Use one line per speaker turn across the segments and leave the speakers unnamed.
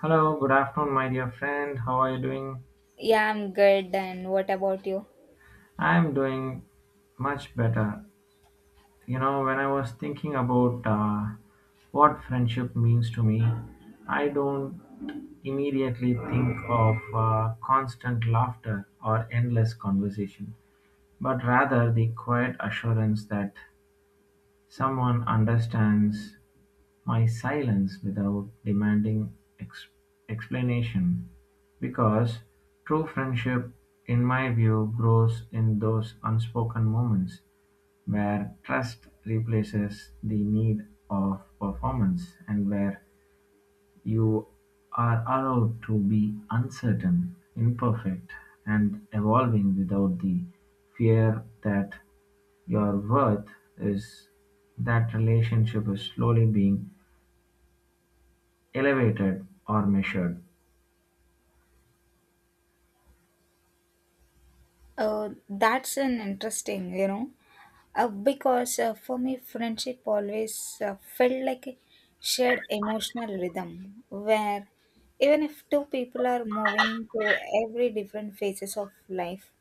Hello, good afternoon, my dear friend. How are you doing?
Yeah, I'm good. And what about you?
I'm doing much better. You know, when I was thinking about what friendship means to me, I don't immediately think of constant laughter or endless conversation, but rather the quiet assurance that someone understands my silence without demanding ex- explanation, because true friendship in my view grows in those unspoken moments where trust replaces the need of performance and where you are allowed to be uncertain, imperfect, and evolving without the fear that your worth is that relationship is slowly being elevated or measured.
That's an interesting, because for me, friendship always felt like a shared emotional rhythm where even if two people are moving to every different phases of life,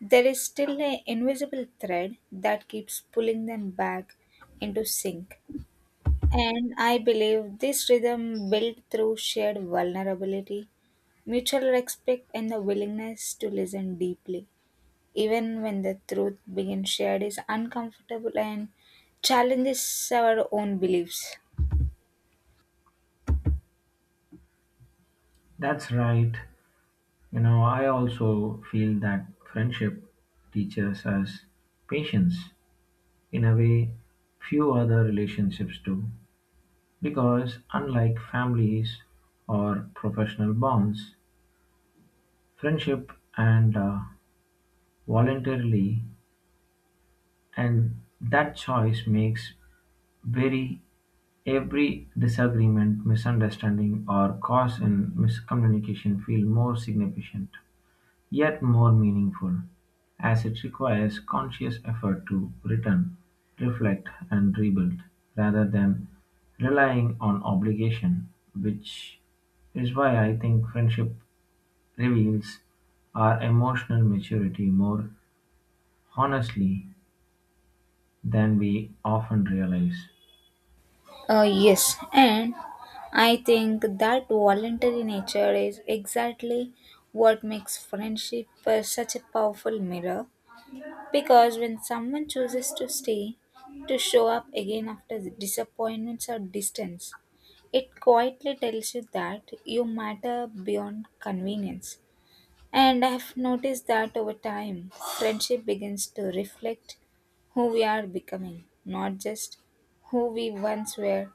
there is still an invisible thread that keeps pulling them back into sync. And I believe this rhythm built through shared vulnerability mutual respect and the willingness to listen deeply, even when the truth being shared is uncomfortable and challenges our own beliefs.
That's right. You know, I also feel that friendship teaches us patience in a way few other relationships do. Because unlike families or professional bonds, friendship and voluntarily, and that choice makes very every disagreement, misunderstanding, or cause in miscommunication feel more significant, yet more meaningful, as it requires conscious effort to return, reflect, and rebuild, rather than relying on obligation, which is why I think friendship reveals our emotional maturity more honestly than we often realize.
Yes, and I think that voluntary nature is exactly what makes friendship such a powerful mirror. Because when someone chooses to stay, to show up again after disappointments or distance, it quietly tells you that you matter beyond convenience. And I have noticed that over time, friendship begins to reflect who we are becoming, not just who we once were,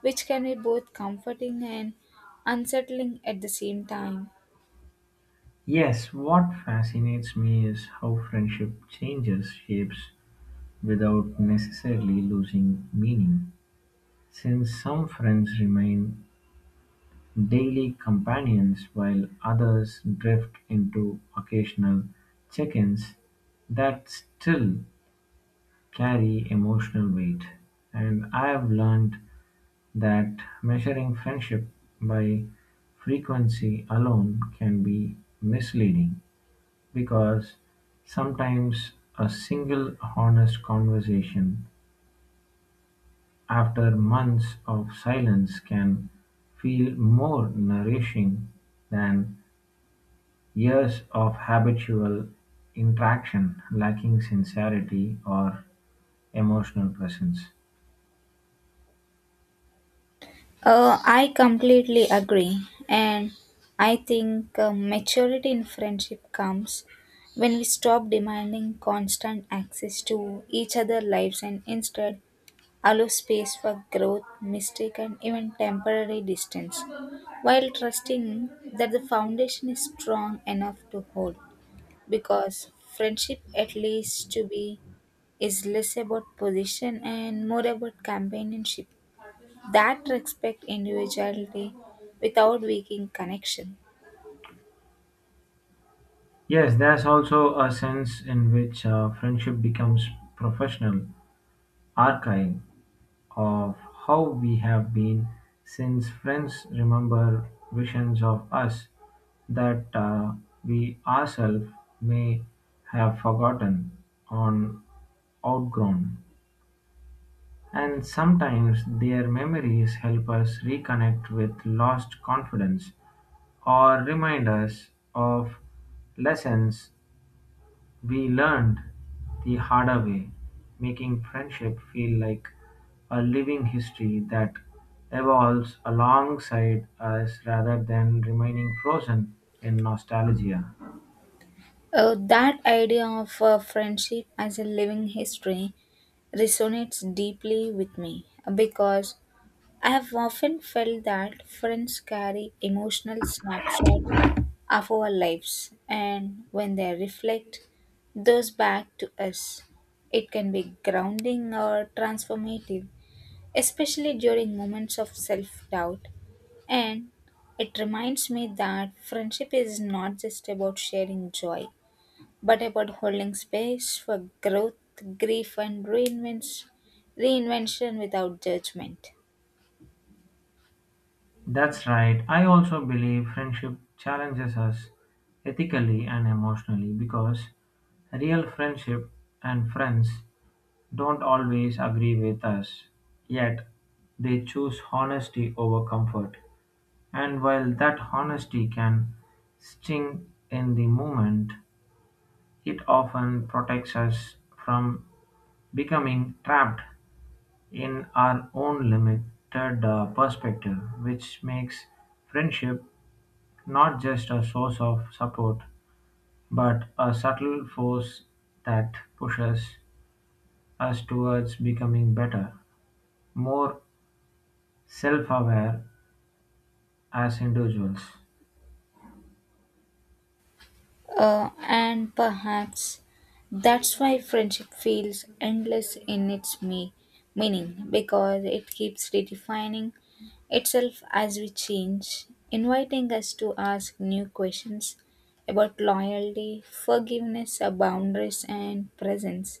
which can be both comforting and unsettling at the same time.
Yes, what fascinates me is how friendship changes shapes without necessarily losing meaning, since some friends remain daily companions while others drift into occasional check-ins that still carry emotional weight. And I've learned that measuring friendship by frequency alone can be misleading, because sometimes a single honest conversation after months of silence can feel more nourishing than years of habitual interaction lacking sincerity or emotional presence.
I completely agree. And I think maturity in friendship comes when we stop demanding constant access to each other's lives and instead allow space for growth, mistake, and even temporary distance, while trusting that the foundation is strong enough to hold. Because friendship, at least to be, is less about position and more about companionship that respect individuality without weakening connection.
Yes, there's also a sense in which friendship becomes professional archive of how we have been, since friends remember visions of us that we ourselves may have forgotten on outgrown. And sometimes their memories help us reconnect with lost confidence or remind us of lessons we learned the harder way, making friendship feel like a living history that evolves alongside us rather than remaining frozen in nostalgia.
That idea of friendship as a living history resonates deeply with me because I have often felt that friends carry emotional snapshots of our lives, and when they reflect those back to us, it can be grounding or transformative, especially during moments of self doubt. And it reminds me that friendship is not just about sharing joy, but about holding space for growth, grief, and reinvention without judgment.
That's right. I also believe friendship challenges us ethically and emotionally, because real friendship and friends don't always agree with us, yet they choose honesty over comfort. And while that honesty can sting in the moment, it often protects us from becoming trapped in our own limited perspective, which makes friendship not just a source of support, but a subtle force that pushes us towards becoming better, more self aware as individuals.
And perhaps that's why friendship feels endless in its meaning because it keeps redefining itself as we change, inviting us to ask new questions about loyalty, forgiveness, boundaries, and presence.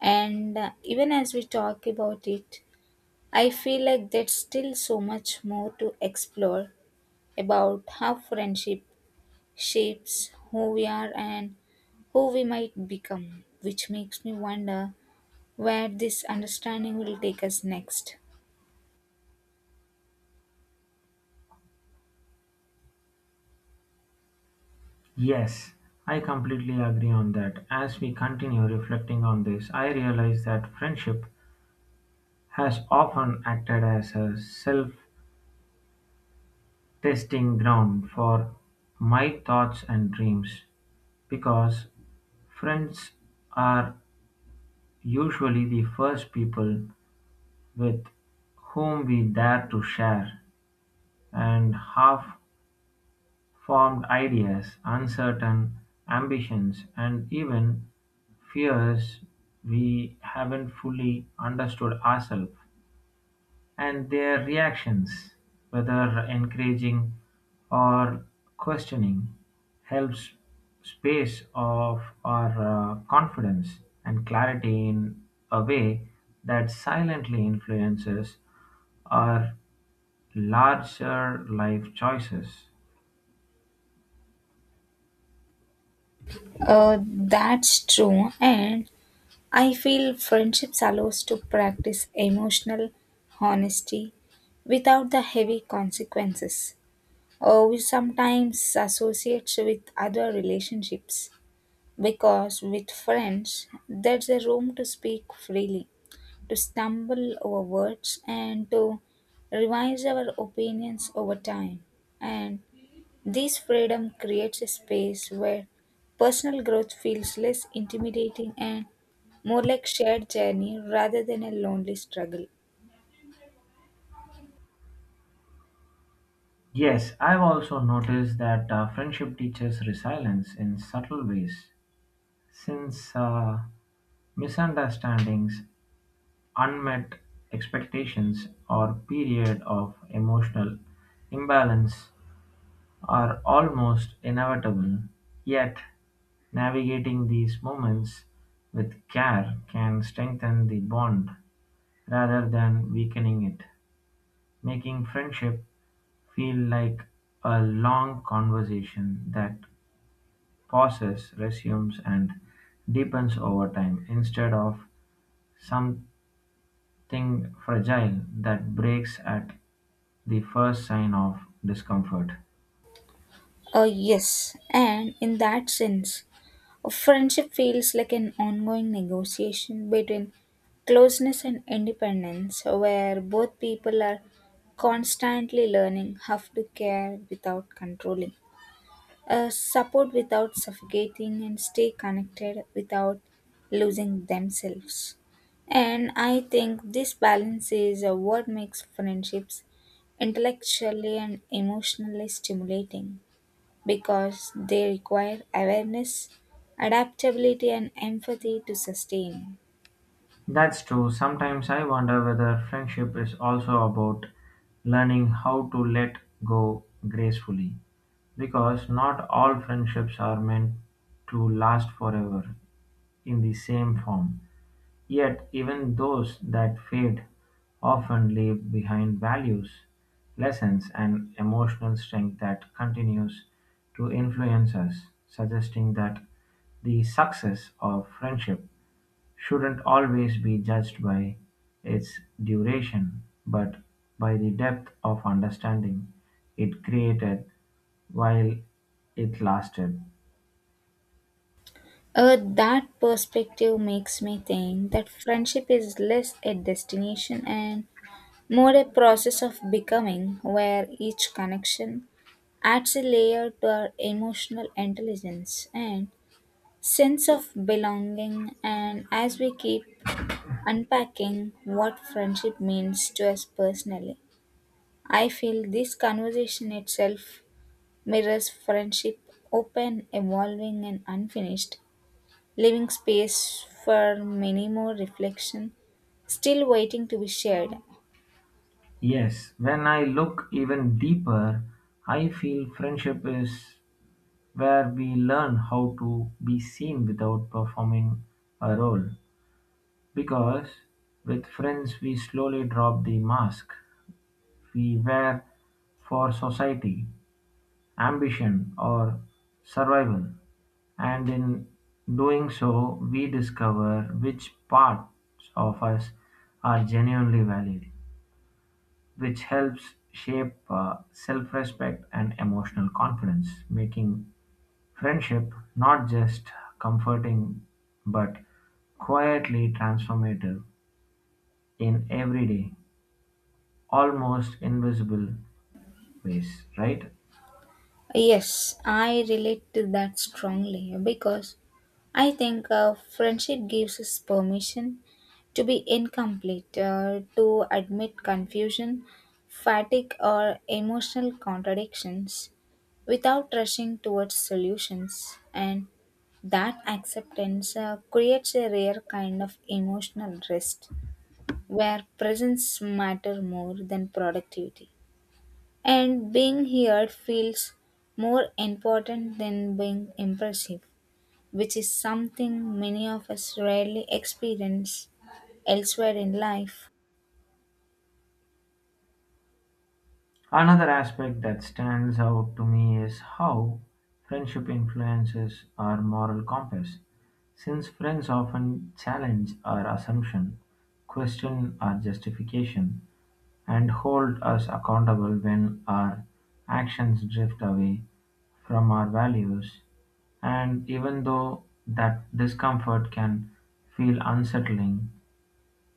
And even as we talk about it, I feel like there's still so much more to explore about how friendship shapes who we are and who we might become, which makes me wonder where this understanding will take us next.
Yes, I completely agree on that. As we continue reflecting on this, I realize that friendship has often acted as a self testing ground for my thoughts and dreams, because friends are usually the first people with whom we dare to share, and half-formed ideas, uncertain ambitions, and even fears we haven't fully understood ourselves, and their reactions, whether encouraging or questioning, helps space of our confidence and clarity in a way that silently influences our larger life choices.
That's true, and I feel friendships allow us to practice emotional honesty without the heavy consequences. We sometimes associate with other relationships because with friends there's a room to speak freely to stumble over words and to revise our opinions over time. And this freedom creates a space where personal growth feels less intimidating and more like shared journey rather than a lonely struggle.
Yes, I've also noticed that friendship teaches resilience in subtle ways, since misunderstandings, unmet expectations, or period of emotional imbalance are almost inevitable. Yet, navigating these moments with care can strengthen the bond rather than weakening it, making friendship feel like a long conversation that pauses, resumes, and deepens over time instead of something fragile that breaks at the first sign of discomfort.
Yes, and in that sense, a friendship feels like an ongoing negotiation between closeness and independence, where both people are constantly learning how to care without controlling, support without suffocating, and stay connected without losing themselves. And I think this balance is what makes friendships intellectually and emotionally stimulating because they require awareness, adaptability, and empathy to sustain.
That's true. Sometimes I wonder whether friendship is also about learning how to let go gracefully, because not all friendships are meant to last forever in the same form. Yet even those that fade often leave behind values, lessons, and emotional strength that continues to influence us, suggesting that the success of friendship shouldn't always be judged by its duration, but by the depth of understanding it created while it lasted.
That perspective makes me think that friendship is less a destination and more a process of becoming, where each connection adds a layer to our emotional intelligence and sense of belonging. And as we keep unpacking what friendship means to us personally, I feel this conversation itself mirrors friendship open, evolving, and unfinished, leaving space for many more reflection, still waiting to be shared.
Yes, when I look even deeper, I feel friendship is where we learn how to be seen without performing a role. Because with friends, we slowly drop the mask we wear for society, ambition, or survival. And in doing so, we discover which parts of us are genuinely valued, which helps shape self respect and emotional confidence, making friendship, not just comforting but quietly transformative in everyday, almost invisible ways, right?
Yes, I relate to that strongly because I think friendship gives us permission to be incomplete, to admit confusion, fatigue, or emotional contradictions without rushing towards solutions. And that acceptance creates a rare kind of emotional rest where presence matter more than productivity. And being here feels more important than being impressive, which is something many of us rarely experience elsewhere in life.
Another aspect that stands out to me is how friendship influences our moral compass, since friends often challenge our assumption, question our justification, and hold us accountable when our actions drift away from our values. And even though that discomfort can feel unsettling,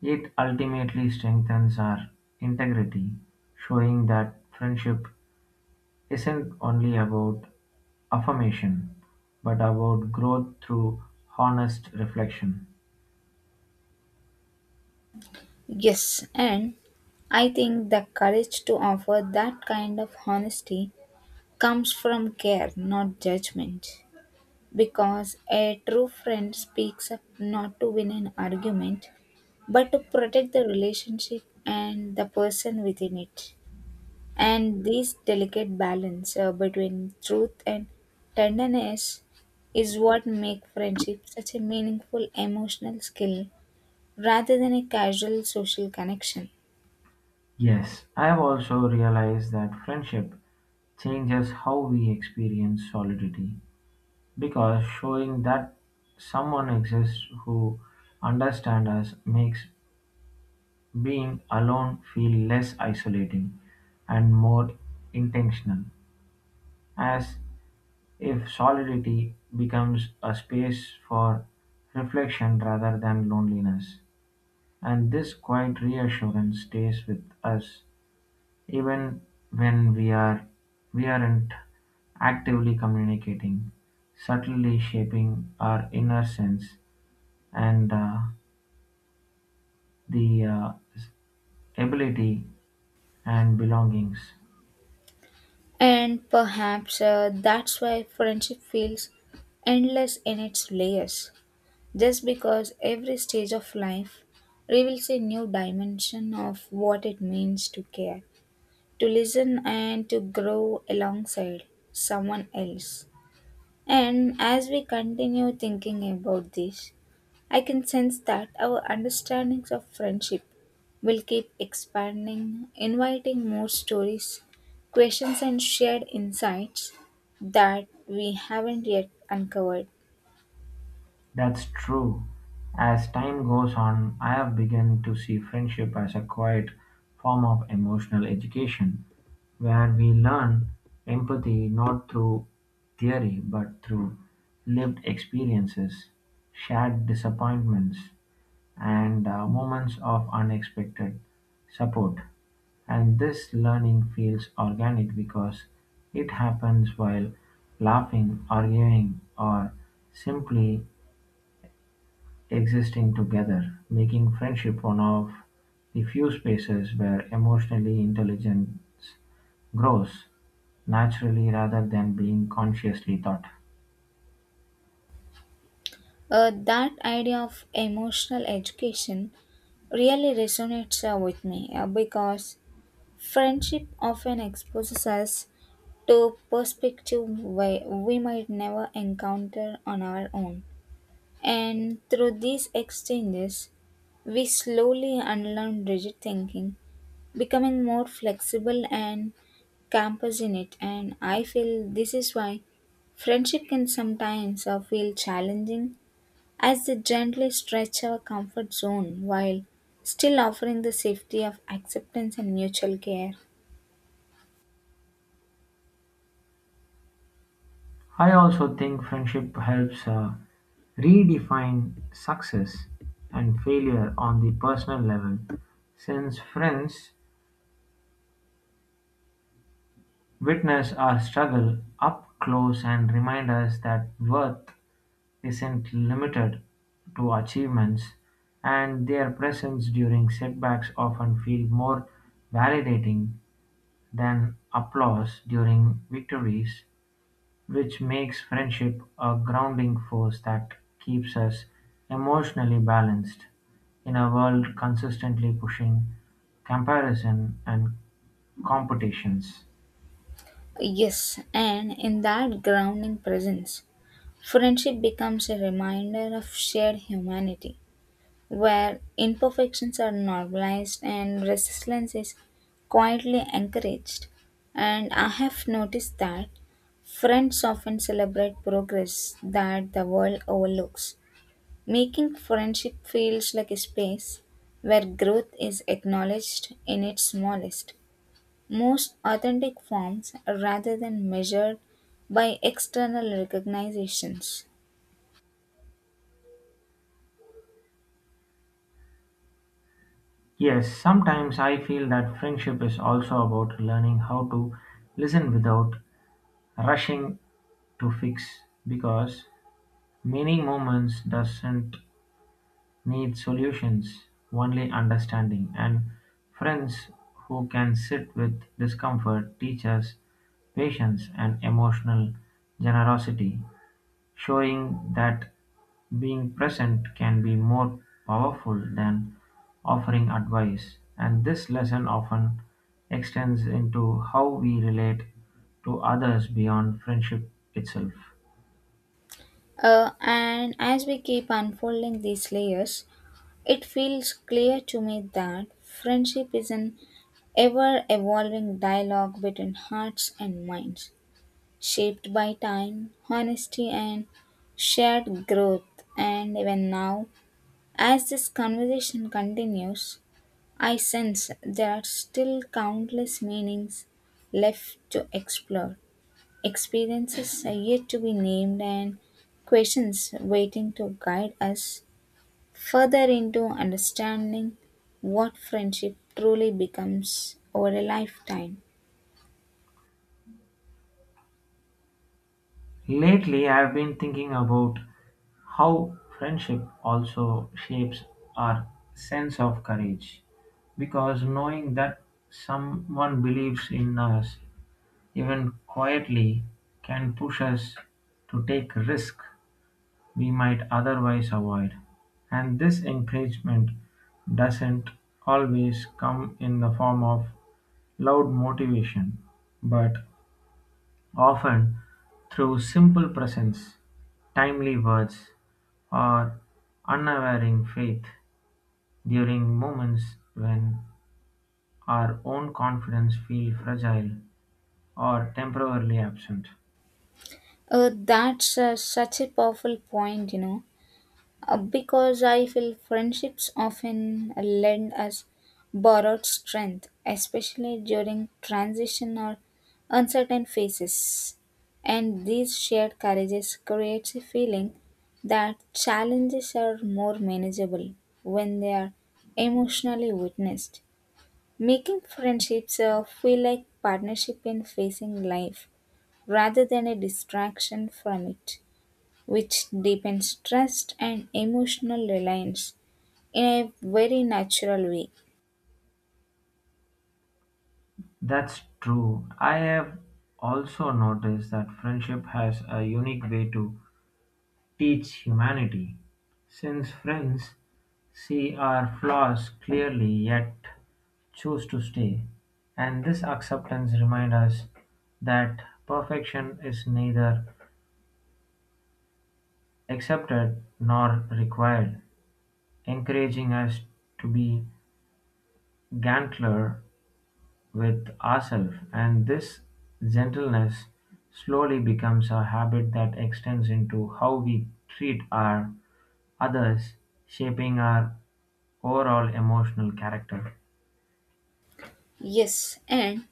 it ultimately strengthens our integrity, showing that friendship isn't only about affirmation, but about growth through honest reflection.
Yes, and I think the courage to offer that kind of honesty comes from care, not judgment. Because a true friend speaks up not to win an argument, but to protect the relationship and the person within it. And this delicate balance between truth and tenderness is what makes friendship such a meaningful emotional skill rather than a casual social connection.
Yes, I've also realized that friendship changes how we experience solidity, because showing that someone exists who understands us makes being alone feel less isolating and more intentional, as if solidity becomes a space for reflection rather than loneliness. And this quiet reassurance stays with us even when we aren't actively communicating, subtly shaping our inner sense and the ability and belongings.
And perhaps that's why friendship feels endless in its layers, just because every stage of life reveals a new dimension of what it means to care, to listen, and to grow alongside someone else. And as we continue thinking about this, I can sense that our understandings of friendship will keep expanding, inviting more stories, questions, and shared insights that we haven't yet uncovered.
That's true. As time goes on, I have begun to see friendship as a quiet form of emotional education, where we learn empathy not through theory but through lived experiences, shared disappointments, and moments of unexpected support. And this learning feels organic, because it happens while laughing, arguing, or simply existing together, making friendship one of the few spaces where emotional intelligence grows naturally rather than being consciously taught.
That idea of emotional education really resonates with me because friendship often exposes us to perspective we might never encounter on our own. And through these exchanges, we slowly unlearn rigid thinking, becoming more flexible and compassionate. And I feel this is why friendship can sometimes feel challenging as they gently stretch our comfort zone while still offering the safety of acceptance and mutual care.
I also think friendship helps redefine success and failure on the personal level, since friends witness our struggle up close and remind us that worth isn't limited to achievements, and their presence during setbacks often feels more validating than applause during victories, which makes friendship a grounding force that keeps us emotionally balanced in a world consistently pushing comparison and competitions.
Yes, and in that grounding presence, friendship becomes a reminder of shared humanity where imperfections are normalized and resilience is quietly encouraged. And I have noticed that friends often celebrate progress that the world overlooks, making friendship feels like a space where growth is acknowledged in its smallest, most authentic forms rather than measured by external recognitions.
Yes, sometimes I feel that friendship is also about learning how to listen without rushing to fix, because many moments doesn't need solutions, only understanding, and friends who can sit with discomfort teach us patience and emotional generosity, showing that being present can be more powerful than offering advice. And this lesson often extends into how we relate to others beyond friendship itself.
And as we keep unfolding these layers, it feels clear to me that friendship is an ever evolving dialogue between hearts and minds, shaped by time, honesty, and shared growth. And even now, as this conversation continues, I sense there are still countless meanings left to explore experiences are yet to be named and questions waiting to guide us further into understanding what friendship truly becomes over a lifetime.
Lately I've been thinking about how friendship also shapes our sense of courage, because knowing that someone believes in us, even quietly, can push us to take risks we might otherwise avoid, and this encouragement doesn't always come in the form of loud motivation, but often through simple presence, timely words, or unwavering faith during moments when our own confidence feels fragile or temporarily absent.
That's such a powerful point. Because I feel friendships often lend us borrowed strength, especially during transition or uncertain phases. And these shared courages creates a feeling that challenges are more manageable when they are emotionally witnessed, making friendships feel like partnership in facing life rather than a distraction from it which deepens trust and emotional reliance in a very natural way.
That's true. I have also noticed that friendship has a unique way to teach humanity, since friends see our flaws clearly yet choose to stay, and this acceptance reminds us that perfection is neither accepted nor required, encouraging us to be gentler with ourselves, and this gentleness slowly becomes a habit that extends into how we treat our others, shaping our overall emotional character.
Yes, and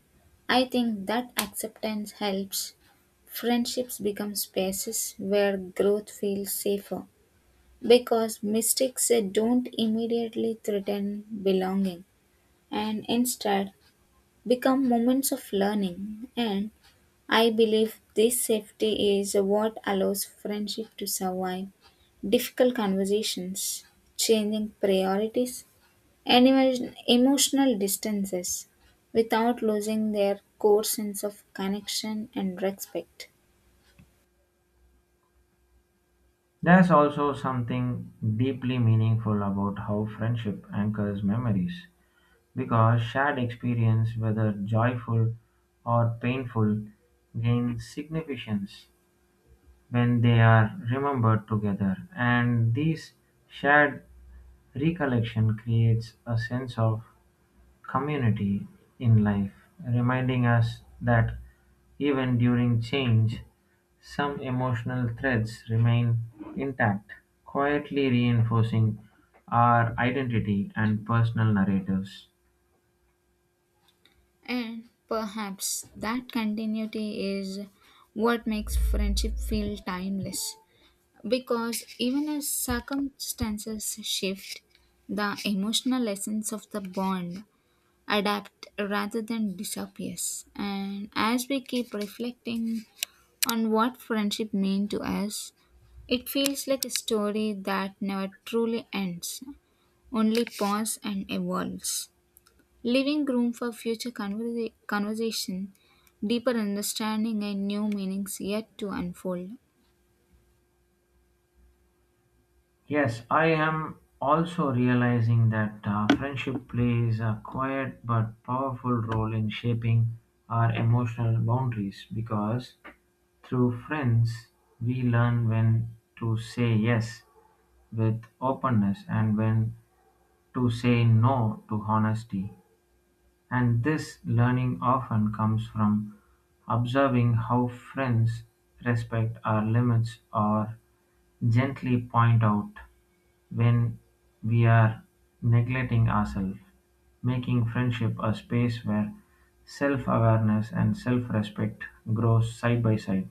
I think that acceptance helps friendships become spaces where growth feels safer because mistakes don't immediately threaten belonging and instead become moments of learning. And I believe this safety is what allows friendship to survive difficult conversations, changing priorities, and even emotional distances without losing their core sense of connection and respect.
There's also something deeply meaningful about how friendship anchors memories, because shared experience, whether joyful or painful, gain significance when they are remembered together. And these shared recollection creates a sense of community in life, reminding us that even during change, some emotional threads remain intact, quietly reinforcing our identity and personal narratives.
And perhaps that continuity is what makes friendship feel timeless. Because even as circumstances shift, the emotional essence of the bond adapt rather than disappears. And as we keep reflecting on what friendship means to us, it feels like a story that never truly ends, only pauses and evolves, leaving room for future conversation, deeper understanding, and new meanings yet to unfold.
Yes, I am also realizing that friendship plays a quiet but powerful role in shaping our emotional boundaries, because through friends we learn when to say yes with openness and when to say no to honesty. And this learning often comes from observing how friends respect our limits or gently point out when we are neglecting ourselves, making friendship a space where self awareness and self respect grow side by side.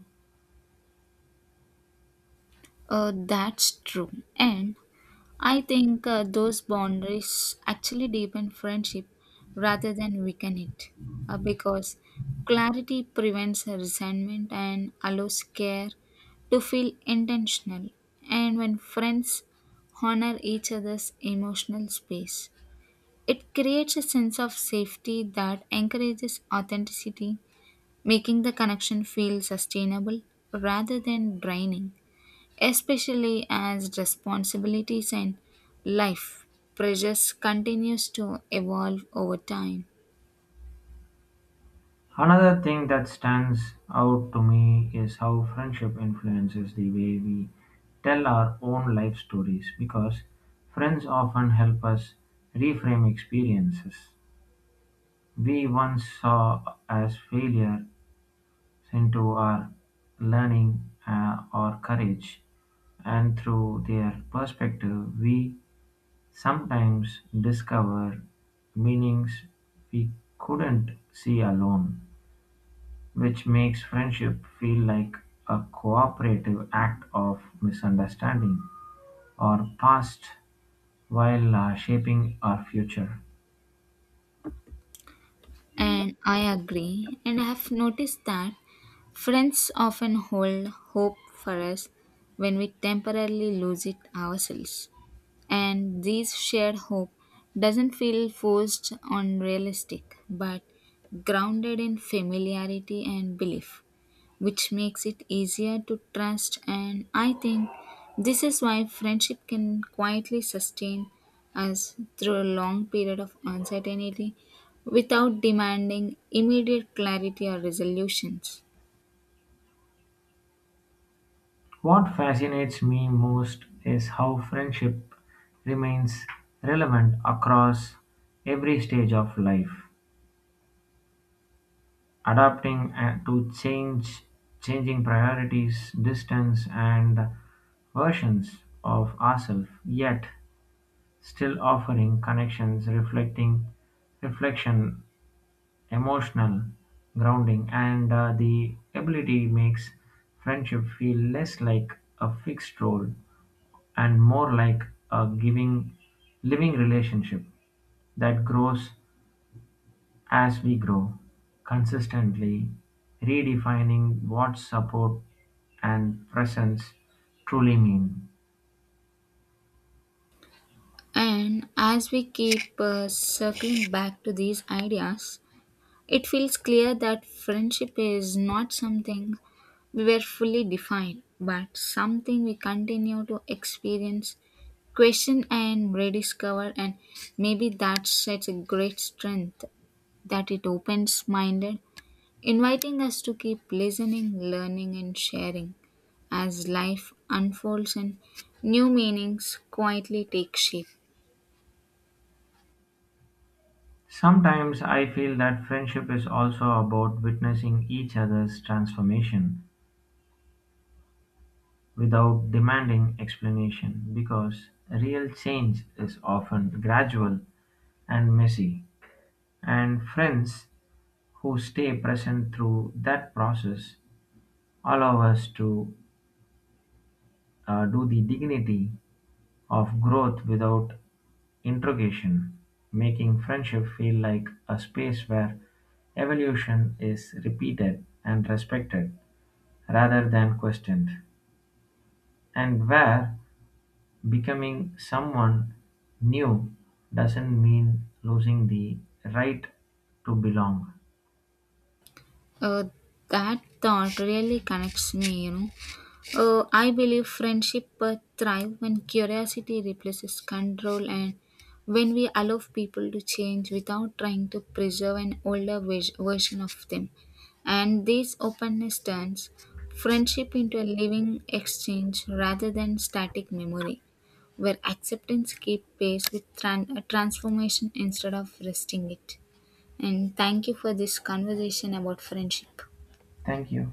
That's true. And I think those boundaries actually deepen friendship rather than weaken it because clarity prevents resentment and allows care to feel intentional. And when friends honor each other's emotional space, it creates a sense of safety that encourages authenticity, making the connection feel sustainable rather than draining especially as responsibilities and life pressures continues to evolve over time.
Another thing that stands out to me is how friendship influences the way we tell our own life stories, because friends often help us reframe experiences we once saw as failure into our learning or courage, and through their perspective we sometimes discover meanings we couldn't see alone, which makes friendship feel like a cooperative act of misunderstanding or past while shaping our future.
And I agree and I have noticed that friends often hold hope for us when we temporarily lose it ourselves and this shared hope doesn't feel forced unrealistic but grounded in familiarity and belief which makes it easier to trust. And I think this is why friendship can quietly sustain us through a long period of uncertainty without demanding immediate clarity or resolutions.
What fascinates me most is how friendship remains relevant across every stage of life, adapting to change, changing priorities, distance, and versions of ourselves. Yet, still offering connections, reflecting reflection, emotional grounding, and the ability makes friendship feel less like a fixed role and more like a giving living relationship that grows as we grow, consistently redefining what support and presence truly mean.
And as we keep circling back to these ideas, it feels clear that friendship is not something we were fully defined, but something we continue to experience question and rediscover and maybe that's such a great strength that it opens minded inviting us to keep listening learning and sharing as life unfolds and new meanings quietly take shape.
Sometimes I feel that friendship is also about witnessing each other's transformation without demanding explanation, because real change is often gradual and messy. And friends who stay present through that process allow us to do the dignity of growth without interrogation, making friendship feel like a space where evolution is repeated and respected, rather than questioned, and where becoming someone new doesn't mean losing the right to belong.
Uh, that thought really connects me you know. I believe friendship thrive when curiosity replaces control and when we allow people to change without trying to preserve an older vis- version of them. And this openness turns friendship into a living exchange rather than static memory, where acceptance keeps pace with transformation instead of resting it. And thank you for this conversation about friendship.
Thank you.